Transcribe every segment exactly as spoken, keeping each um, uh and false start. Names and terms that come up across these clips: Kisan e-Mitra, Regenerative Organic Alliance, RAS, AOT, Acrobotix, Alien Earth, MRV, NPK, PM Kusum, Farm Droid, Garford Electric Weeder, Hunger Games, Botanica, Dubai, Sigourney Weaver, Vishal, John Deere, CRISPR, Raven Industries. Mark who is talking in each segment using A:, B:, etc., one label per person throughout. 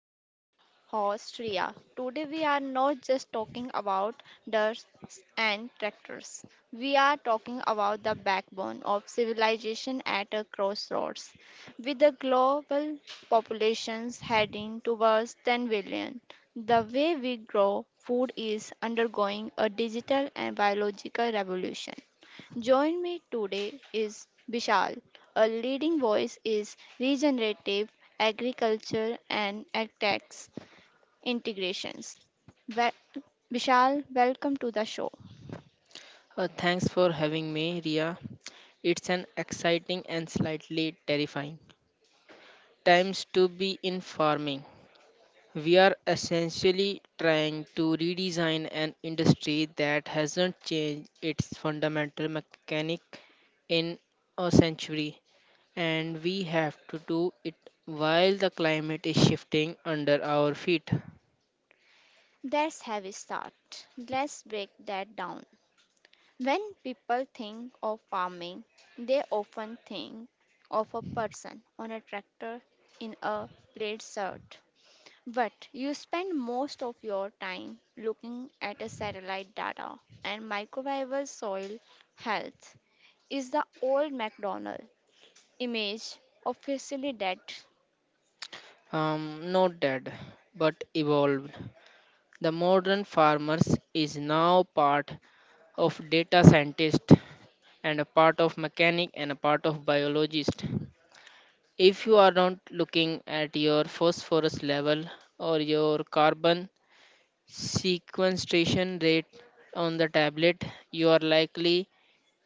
A: I'm your host Ria. Today we are not just talking about dirt and tractors. We are talking about the backbone of civilization at a crossroads. With the global populations heading towards 10 billion, the way we grow food is undergoing a digital and biological revolution. Join me today is Vishal, a leading voice is regenerative agriculture and ag tax integrations. Wel- Vishal, welcome to the show.
B: Uh, thanks for having me, Ria. It's an exciting and slightly terrifying times to be in farming. We are essentially trying to redesign an industry that hasn't changed its fundamental mechanic in a century, and we have to do it while the climate is shifting under our feet.
A: That's have a start. Let's break that down. When people think of farming, they often think of a person on a tractor in a plaid shirt. But you spend most of your time looking at a satellite data and microbial soil health is the old McDonald image officially dead.
B: Um, not dead, but evolved. The modern farmers is now part of data scientist and a part of mechanic and a part of biologist. If you are not looking at your phosphorus level or your carbon sequestration rate on the tablet, you are likely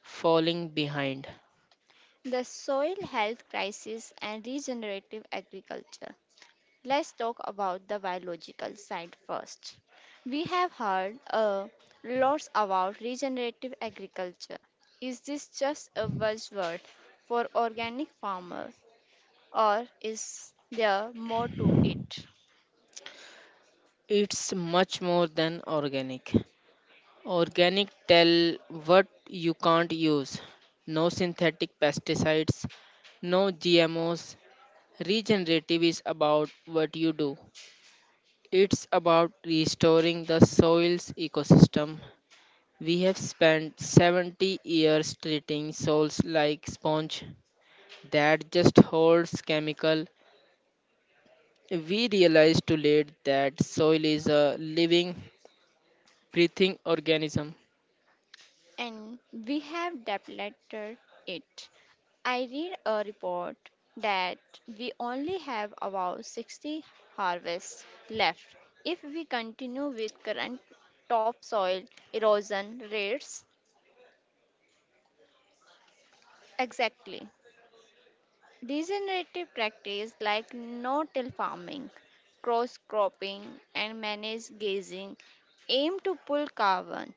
B: falling behind.
A: The soil health crisis and regenerative agriculture. Let's talk about the biological side first. We have heard uh, lots about regenerative agriculture. Is this just a buzzword for organic farmer or is there more to it?
B: It's much more than organic. Organic tell what you can't use. No synthetic pesticides, no G M Os. Regenerative is about what you do. It's about restoring the soil's ecosystem. We have spent seventy years treating soils like sponge that just holds chemical. We realized too late that soil is a living, breathing organism.
A: And we have depleted it. I read a report that we only have about sixty harvests left if we continue with current topsoil erosion rates. Exactly. Degenerative practice like no-till farming, cross-cropping, and managed grazing aim to pull carbon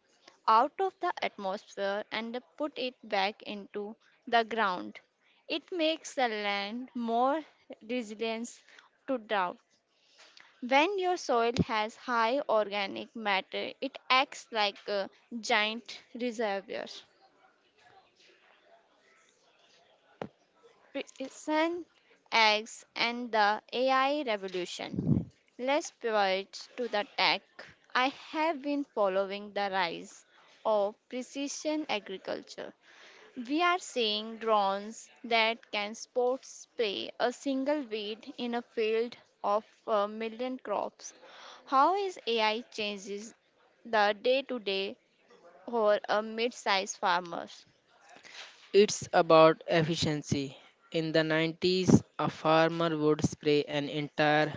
A: out of the atmosphere and put it back into the ground. It makes the land more resilient to drought. When your soil has high organic matter, it acts like a giant reservoir. Precision eggs and the A I revolution. Let's pivot to the tech. I have been following the rise of precision agriculture. We are seeing drones that can spot spray a single weed in a field of a million crops. How is A I changes the day-to-day for a mid-sized farmer?
B: It's about efficiency. In the nineties, a farmer would spray an entire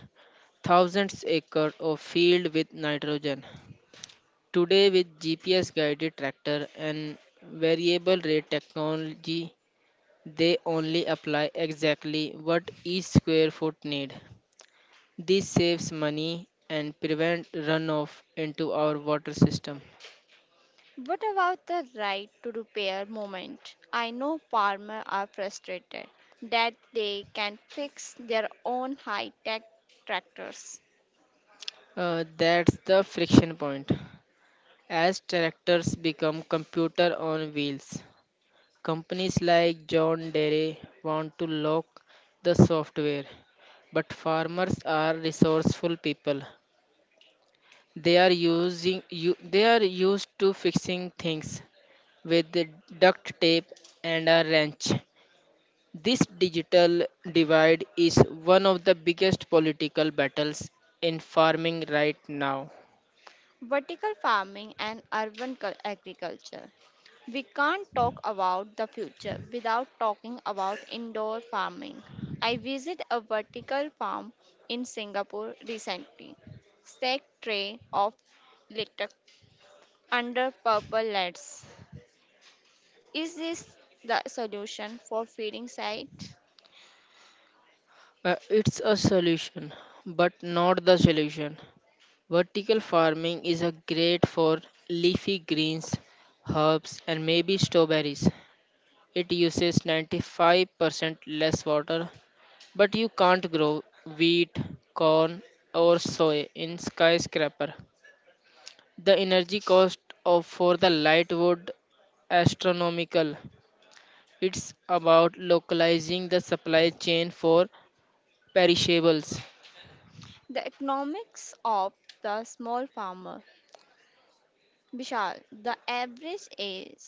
B: thousands acre of field with nitrogen. Today, with G P S guided tractor and variable rate technology, they only apply exactly what each square foot need. This saves money and prevent runoff into our water system.
A: What about the right to repair moment? I know farmers are frustrated that they can fix their own high tech tractors.
B: Uh, that's the friction point. As tractors become computer on wheels, companies like John Deere want to lock the software. But farmers are resourceful people. They are using you, they are used to fixing things with the duct tape and a wrench. This digital divide is one of the biggest political battles in farming right now.
A: Vertical farming and urban cul- agriculture. We can't talk about the future without talking about indoor farming. I visited a vertical farm in Singapore recently. Stacked tray of litter under purple lights. Is this the solution for feeding sight?
B: Uh, it's a solution, but not the solution. Vertical farming is a great for leafy greens, herbs, and maybe strawberries. It uses ninety-five percent less water, but you can't grow wheat, corn, or soy in skyscraper. The energy cost of for the light wood astronomical. It's about localizing the supply chain for perishables.
A: The economics of the small farmer. Vishal, the average age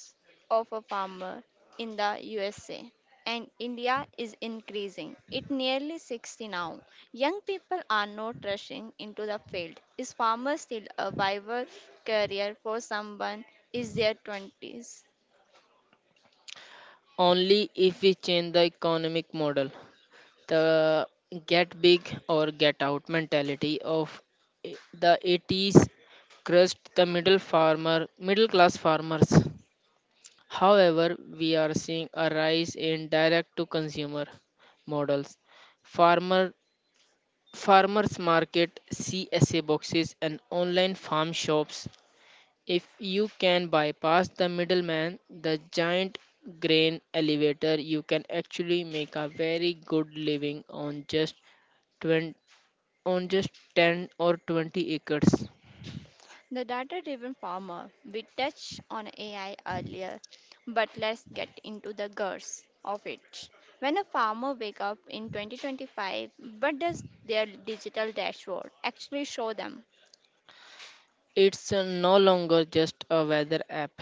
A: of a farmer in the U S A and India is increasing. It nearly sixty now. Young people are not rushing into the field. Is farmer still a viable career for someone in their twenties?
B: Only if we change the economic model. The get big or get out mentality of i- the eighties crushed the middle farmer, middle class farmers. However, we are seeing a rise in direct to consumer models. Farmer farmers market, C S A boxes and online farm shops. If you can bypass the middleman, the giant grain elevator, you can actually make a very good living on just 20, on just ten or twenty acres.
A: The data driven farmer, we touched on A I earlier, but let's get into the guts of it. When a farmer wake up in twenty twenty-five, what does their digital dashboard actually show them?
B: It's uh, no longer just a weather app.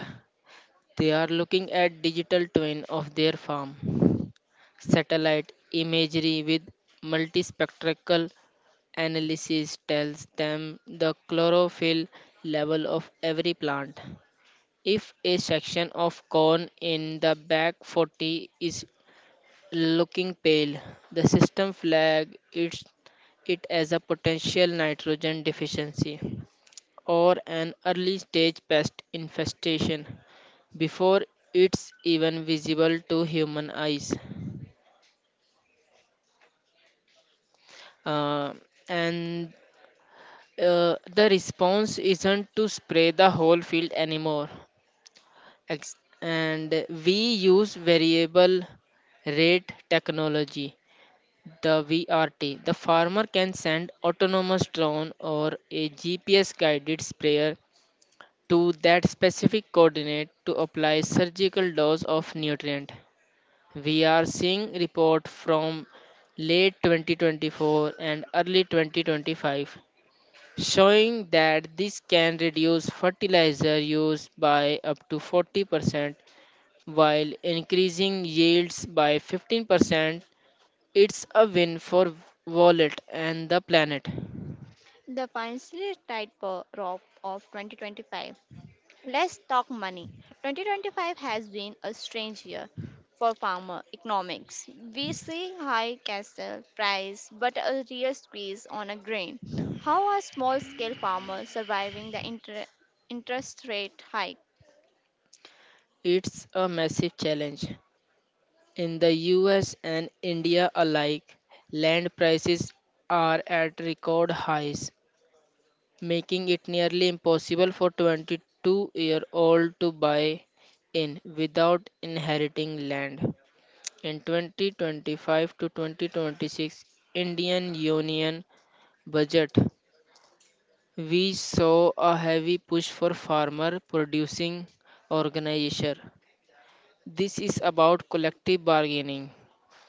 B: They are looking at digital twin of their farm, satellite imagery with multispectral analysis tells them the chlorophyll level of every plant. If a section of corn in the back forty is looking pale, the system flag it's, it as a potential nitrogen deficiency or an early stage pest infestation before it's even visible to human eyes. Uh, and uh, the response isn't to spray the whole field anymore. Ex- and we use variable rate technology, the V R T. The farmer can send autonomous drone or a G P S guided sprayer to that specific coordinate to apply surgical dose of nutrient. We are seeing report from late twenty twenty-four and early twenty twenty-five showing that this can reduce fertilizer use by up to forty percent while increasing yields by fifteen percent. It's a win for wallet and the planet.
A: The financially tight rope of twenty twenty-five. Let's talk money. twenty twenty-five has been a strange year for farmer economics. We see high castle price but a real squeeze on a grain. How are small scale farmers surviving the inter- interest rate hike?
B: It's a massive challenge. In the U S and India alike, land prices are at record highs, making it nearly impossible for twenty-two-year-old to buy in without inheriting land. In twenty twenty-five to twenty twenty-six Indian Union budget, we saw a heavy push for farmer producing organization. This is about collective bargaining.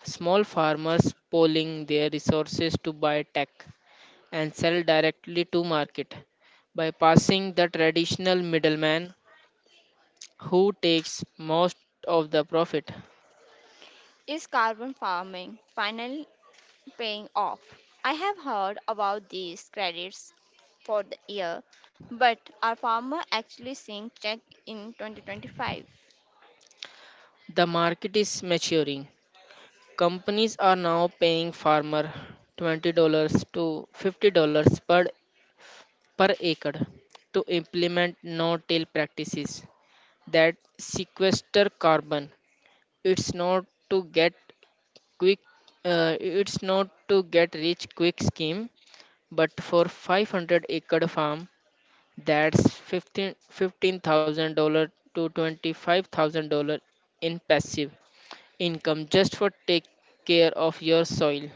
B: Small farmers pooling their resources to buy tech and sell directly to market, bypassing the traditional middleman who takes most of the profit.
A: Is carbon farming finally paying off? I have heard about these credits for the year, but are farmers actually seeing check in twenty twenty-five?
B: The market is maturing. Companies are now paying farmer twenty dollars to fifty dollars per per acre to implement no-till practices that sequester carbon. It's not to get quick, uh, it's not to get rich quick scheme, but for five hundred acre farm, that's 15 fifteen thousand dollars to twenty-five thousand dollars in passive income just for take care of your soil.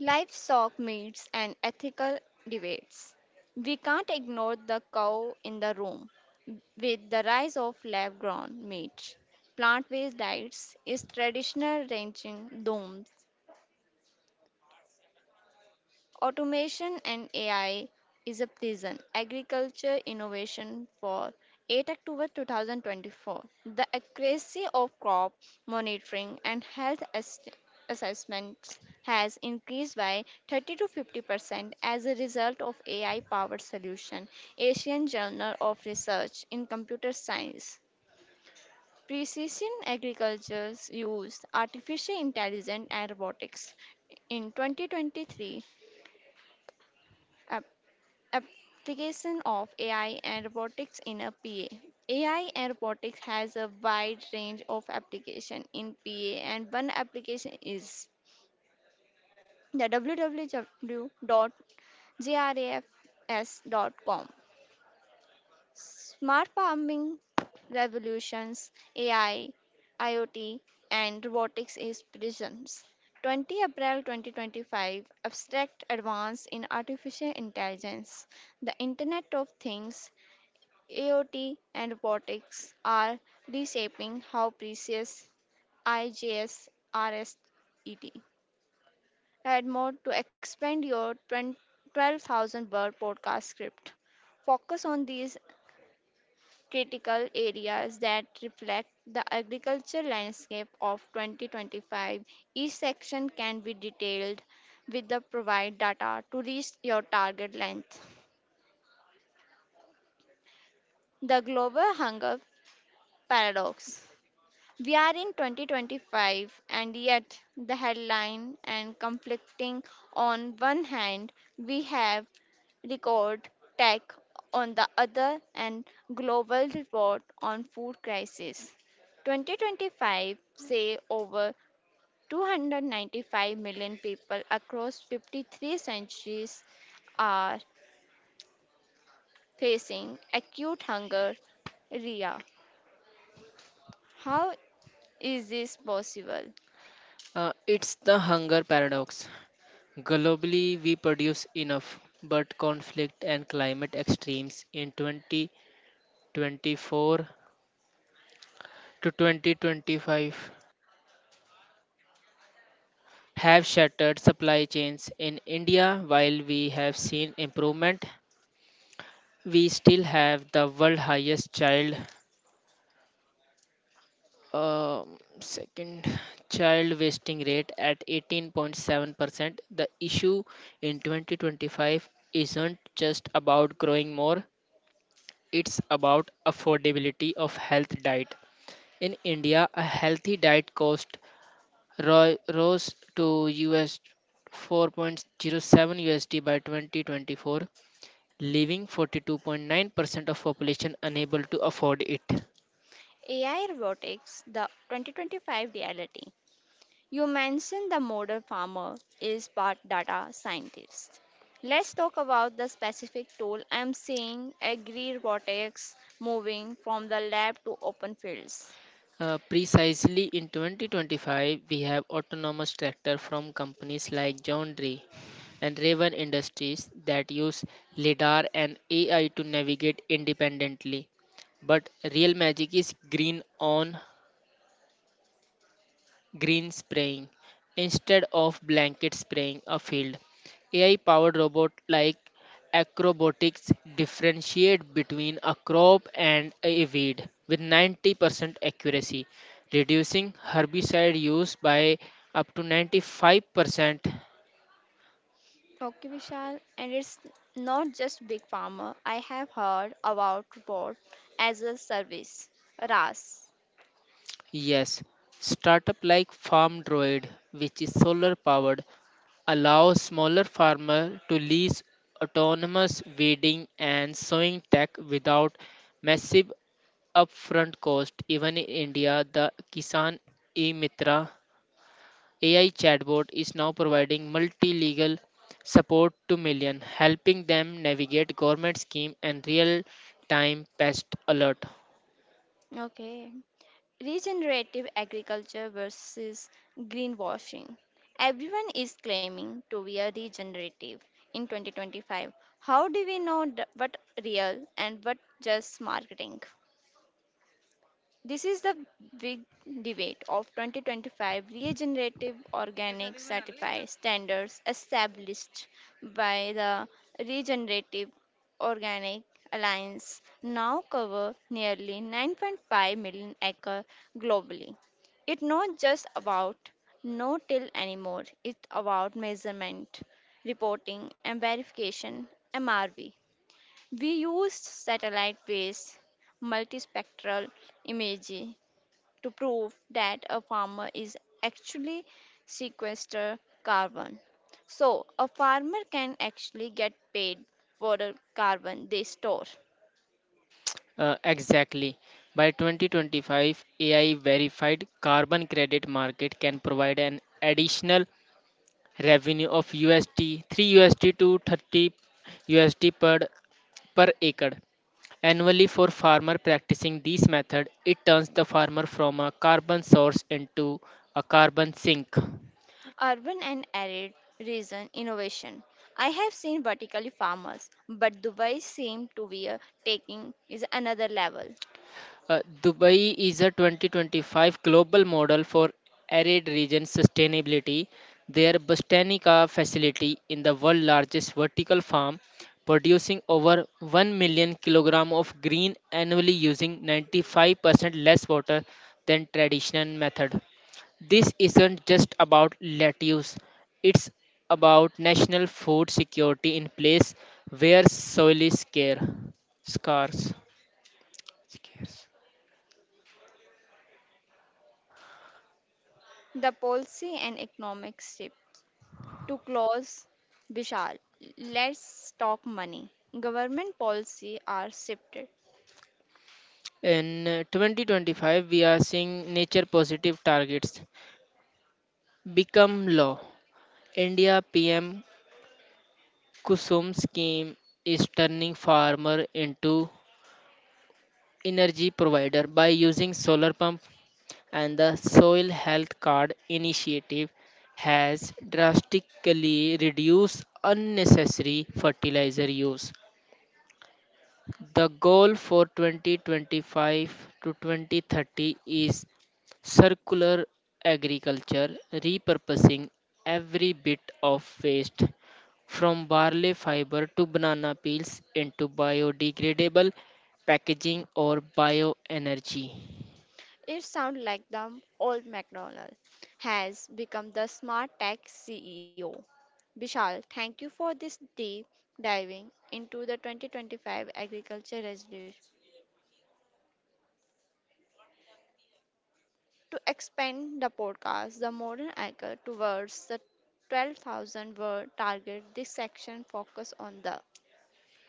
A: Livestock meets and ethical debates. We can't ignore the cow in the room. With the rise of lab grown meat, plant based diets is traditional ranching doomed? Automation and A I is a prison. Agriculture Innovation for eight October two thousand twenty-four. The accuracy of crop monitoring and health ass- assessments has increased by thirty to fifty percent as a result of A I powered solution. Asian Journal of Research in Computer Science. Precision agriculture's use artificial intelligence and robotics. In twenty twenty-three, application of A I and robotics in a P A. A I and robotics has a wide range of application in P A and one application is the w w w dot j r a f s dot com. Smart farming revolutions, A I, IoT and robotics is presence. twenty April twenty twenty-five Abstract Advance in Artificial Intelligence, the Internet of Things, A O T and robotics are reshaping how precious I J S R S E T. Add more to expand your twenty twelve thousand word podcast script. Focus on these critical areas that reflect the agriculture landscape of twenty twenty-five. Each section can be detailed with the provide data to reach your target length. The global hunger paradox. We are in twenty twenty-five, and yet the headline and conflicting on one hand, we have record tech on the other, and global report on food crisis. twenty twenty-five say over 295 million people across fifty-three centuries are facing acute hunger. Ria, how is this possible?
B: Uh, it's the hunger paradox. Globally, we produce enough, but conflict and climate extremes in twenty twenty-four to twenty twenty-five have shattered supply chains in India. While we have seen improvement, we still have the world highest child um, second child wasting rate at eighteen point seven percent. The issue in twenty twenty-five isn't just about growing more, it's about affordability of health diet. In India, a healthy diet cost ro- rose to U S four point zero seven U S D by twenty twenty-four, leaving forty-two point nine percent of population unable to afford it.
A: A I robotics, the twenty twenty-five reality. You mentioned the model farmer is part data scientist. Let's talk about the specific tool I'm seeing agri robotics moving from the lab to open fields.
B: Uh, precisely in twenty twenty-five, we have autonomous tractor from companies like John Deere and Raven Industries that use LiDAR and A I to navigate independently. But real magic is green on green spraying instead of blanket spraying a field. A I powered robot like Acrobotix differentiate between a crop and a weed with ninety percent accuracy, reducing herbicide use by up to ninety-five percent.
A: Okay, Vishal, and it's not just big farmer. I have heard about robot as a service, R A S.
B: Yes, startup like Farm Droid, which is solar powered, allow smaller farmers to lease autonomous weeding and sowing tech without massive upfront cost. Even in India, the Kisan e-Mitra A I chatbot is now providing multi-legal support to million, helping them navigate government scheme and real-time pest alert.
A: Okay. Regenerative agriculture versus greenwashing. Everyone is claiming to be a regenerative in twenty twenty-five. How do we know th- what real and what just marketing? This is the big debate of twenty twenty-five regenerative organic certified standards established by the Regenerative Organic Alliance now cover nearly 9.5 million acres globally. It's not just about no till anymore, it's about measurement, reporting, and verification. M R V. We used satellite based multispectral imaging to prove that a farmer is actually sequester carbon. So a farmer can actually get paid for the carbon they store.
B: Uh, exactly. By twenty twenty-five, A I verified carbon credit market can provide an additional revenue of U S D three USD to thirty U S D per per acre annually for farmer practicing this method. It turns the farmer from a carbon source into a carbon sink.
A: Urban and arid region innovation. I have seen vertically farmers, but Dubai seems to be a taking is another level.
B: Uh, Dubai is a twenty twenty-five global model for arid region sustainability. Their Botanica facility in the world largest vertical farm producing over one million kilogram of green annually using ninety-five percent less water than traditional method. This isn't just about lettuce, it's about national food security in place where soil is scarce. scarce. scarce.
A: The policy and economic shift. To close, Vishal, let's talk money. Government policy are shifted.
B: In uh, twenty twenty-five, we are seeing nature positive targets become law. India P M Kusum scheme is turning farmer into energy provider by using solar pump and the soil health card initiative has drastically reduced unnecessary fertilizer use. The goal for twenty twenty-five to twenty thirty is circular agriculture, repurposing every bit of waste from barley fiber to banana peels into biodegradable packaging or bioenergy.
A: It sounds like the old McDonald has become the smart tech C E O. Vishal, thank you for this deep diving into the twenty twenty-five agriculture resolution. To expand the podcast, the modern agri towards the twelve thousand word target, this section focus on the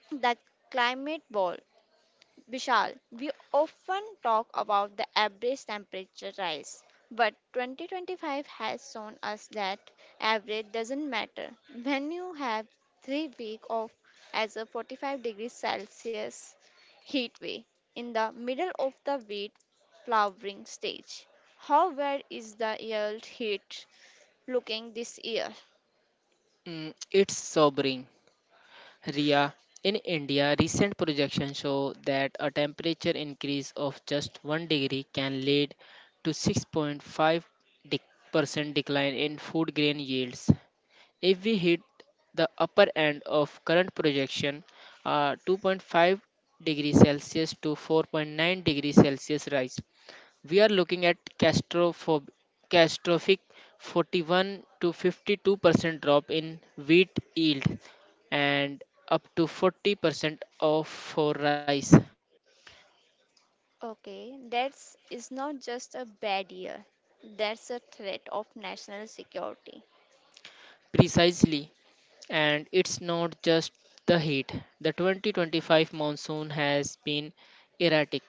A: the climate ball. Vishal, we often talk about the average temperature rise, but twenty twenty-five has shown us that average doesn't matter. When you have three weeks of as a forty-five degrees Celsius heat wave in the middle of the wheat flowering stage, how well is the yield heat looking this year?
B: Mm, it's sobering, Ria. In India, recent projections show that a temperature increase of just one degree can lead to six point five percent decline in food grain yields. If we hit the upper end of current projection, uh, two point five degrees Celsius to four point nine degrees Celsius rise, we are looking at castrophob- catastrophic forty-one to fifty-two percent drop in wheat yield and up to forty percent of for rice.
A: Okay, that's is not just a bad year. That's a threat of national security.
B: Precisely. And it's not just the heat. The twenty twenty-five monsoon has been erratic,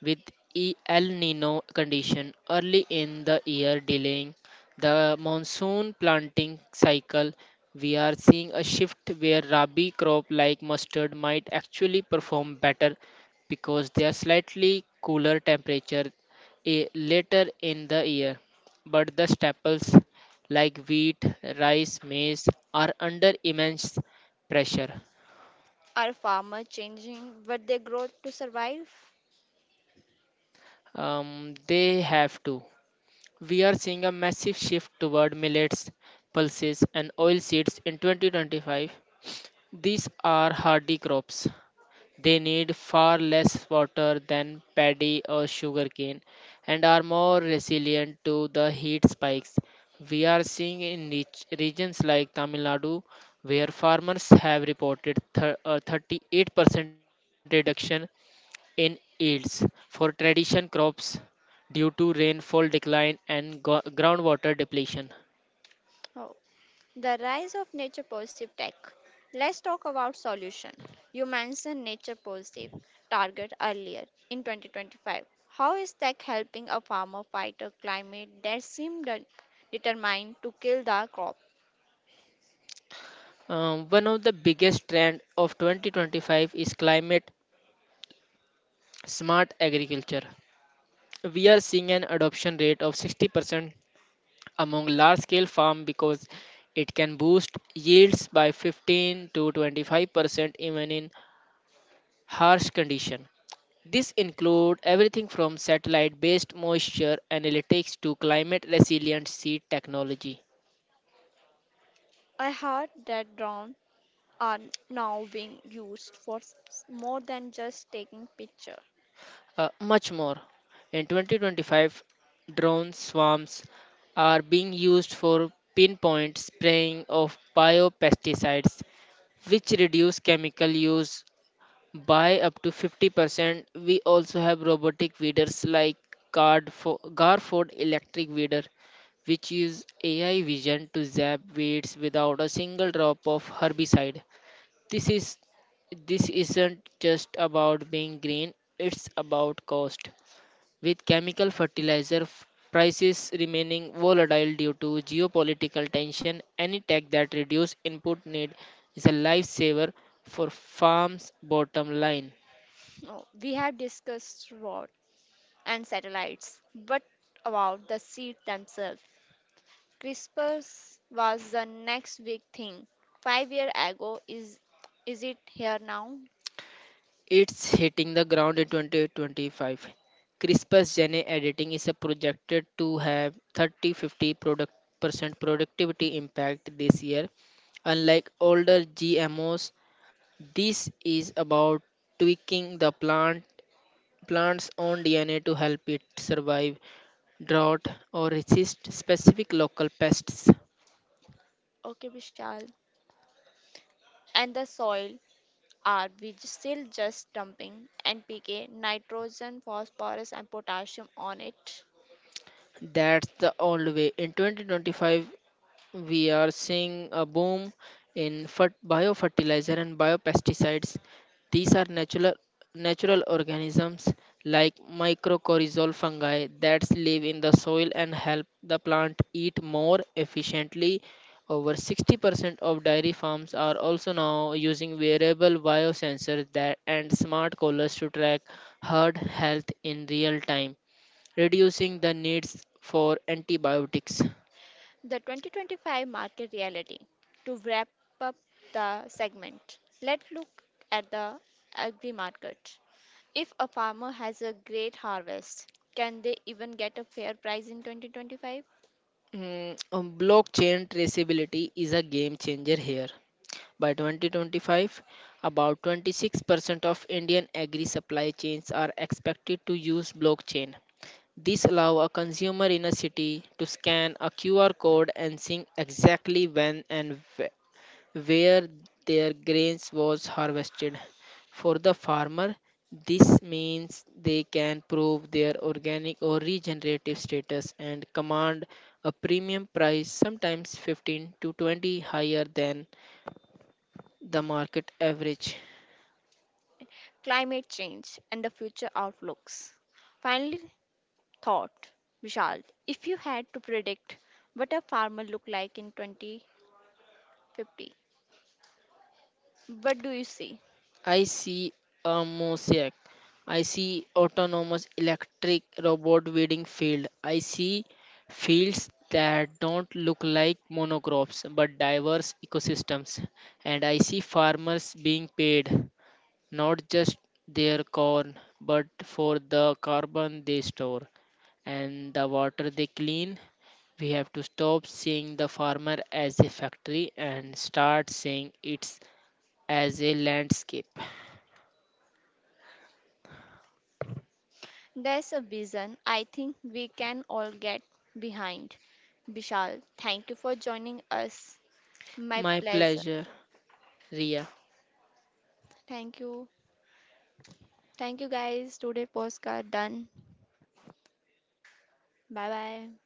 B: with E- El Nino condition early in the year delaying the monsoon planting cycle. We are seeing a shift where rabi crop like mustard might actually perform better because they are slightly cooler temperature eh, later in the year. But the staples like wheat, rice, maize, are under immense pressure.
A: Are farmers changing what they grow to survive?
B: Um, they have to. We are seeing a massive shift toward millets, pulses, and oil seeds in twenty twenty-five. These are hardy crops. They need far less water than paddy or sugarcane and are more resilient to the heat spikes we are seeing in rich regions like Tamil Nadu where farmers have reported thir- a thirty-eight percent reduction in yields for tradition crops due to rainfall decline and go- groundwater depletion.
A: Oh, the rise of nature positive tech. Let's talk about solution. You mentioned nature positive target earlier in twenty twenty-five. How is tech helping a farmer fight a climate that seemed de- determined to kill the crop?
B: Um, one of the biggest trend of twenty twenty-five is climate smart agriculture. We are seeing an adoption rate of sixty percent among large scale farm because it can boost yields by fifteen to twenty-five percent even in harsh condition. This include everything from satellite based moisture analytics to climate resilient seed technology.
A: I heard that drones are now being used for s- more than just taking picture.
B: Uh, much more. In twenty twenty-five, drone swarms are being used for pinpoint spraying of biopesticides, which reduce chemical use by up to fifty percent. We also have robotic weeders like Gardfo- Garford Electric Weeder, which use A I vision to zap weeds without a single drop of herbicide. This is this isn't just about being green, it's about cost. With chemical fertilizer f- prices remaining volatile due to geopolitical tension, any tech that reduces input need is a lifesaver for farms' bottom line.
A: Oh, we have discussed what and satellites. But about the seeds themselves, CRISPR was the next big thing. Five years ago, is is it here now?
B: It's hitting the ground in two thousand twenty-five. CRISPR's gene editing is projected to have thirty fifty product percent productivity impact this year. Unlike older G M Os, this is about tweaking the plant plant's own D N A to help it survive drought or resist specific local pests.
A: Okay, Vishal. And the soil are we j- still just dumping N P K, nitrogen, phosphorus, and potassium on it?
B: That's the old way. In twenty twenty-five, we are seeing a boom in fert- biofertilizer and biopesticides. These are natural natural organisms like mycorrhizal fungi that live in the soil and help the plant eat more efficiently. Over sixty percent of dairy farms are also now using wearable biosensors that and smart collars to track herd health in real time, reducing the needs for antibiotics.
A: The twenty twenty-five market reality. To wrap up the segment, let's look at the agri market. If a farmer has a great harvest, can they even get a fair price in twenty twenty-five?
B: Mm, um, blockchain traceability is a game changer here. By twenty twenty-five, about twenty-six percent of Indian agri supply chains are expected to use blockchain. This allows a consumer in a city to scan a Q R code and see exactly when and wh- where their grains was harvested. For the farmer, this means they can prove their organic or regenerative status and command a premium price, sometimes fifteen to twenty higher than the market average.
A: Climate change and the future outlooks. Finally, thought Vishal, if you had to predict what a farmer look like in twenty fifty, what do you see?
B: I see a mosaic. I see autonomous electric robot weeding field. I see fields that don't look like monocrops but diverse ecosystems. And I see farmers being paid not just their corn but for the carbon they store and the water they clean. We have to stop seeing the farmer as a factory and start seeing it as a landscape.
A: There's a vision I think we can all get behind. Vishal, thank you for joining us. My
B: My
A: pleasure.
B: pleasure, Ria.
A: Thank you. Thank you guys. Today postcard done. Bye bye.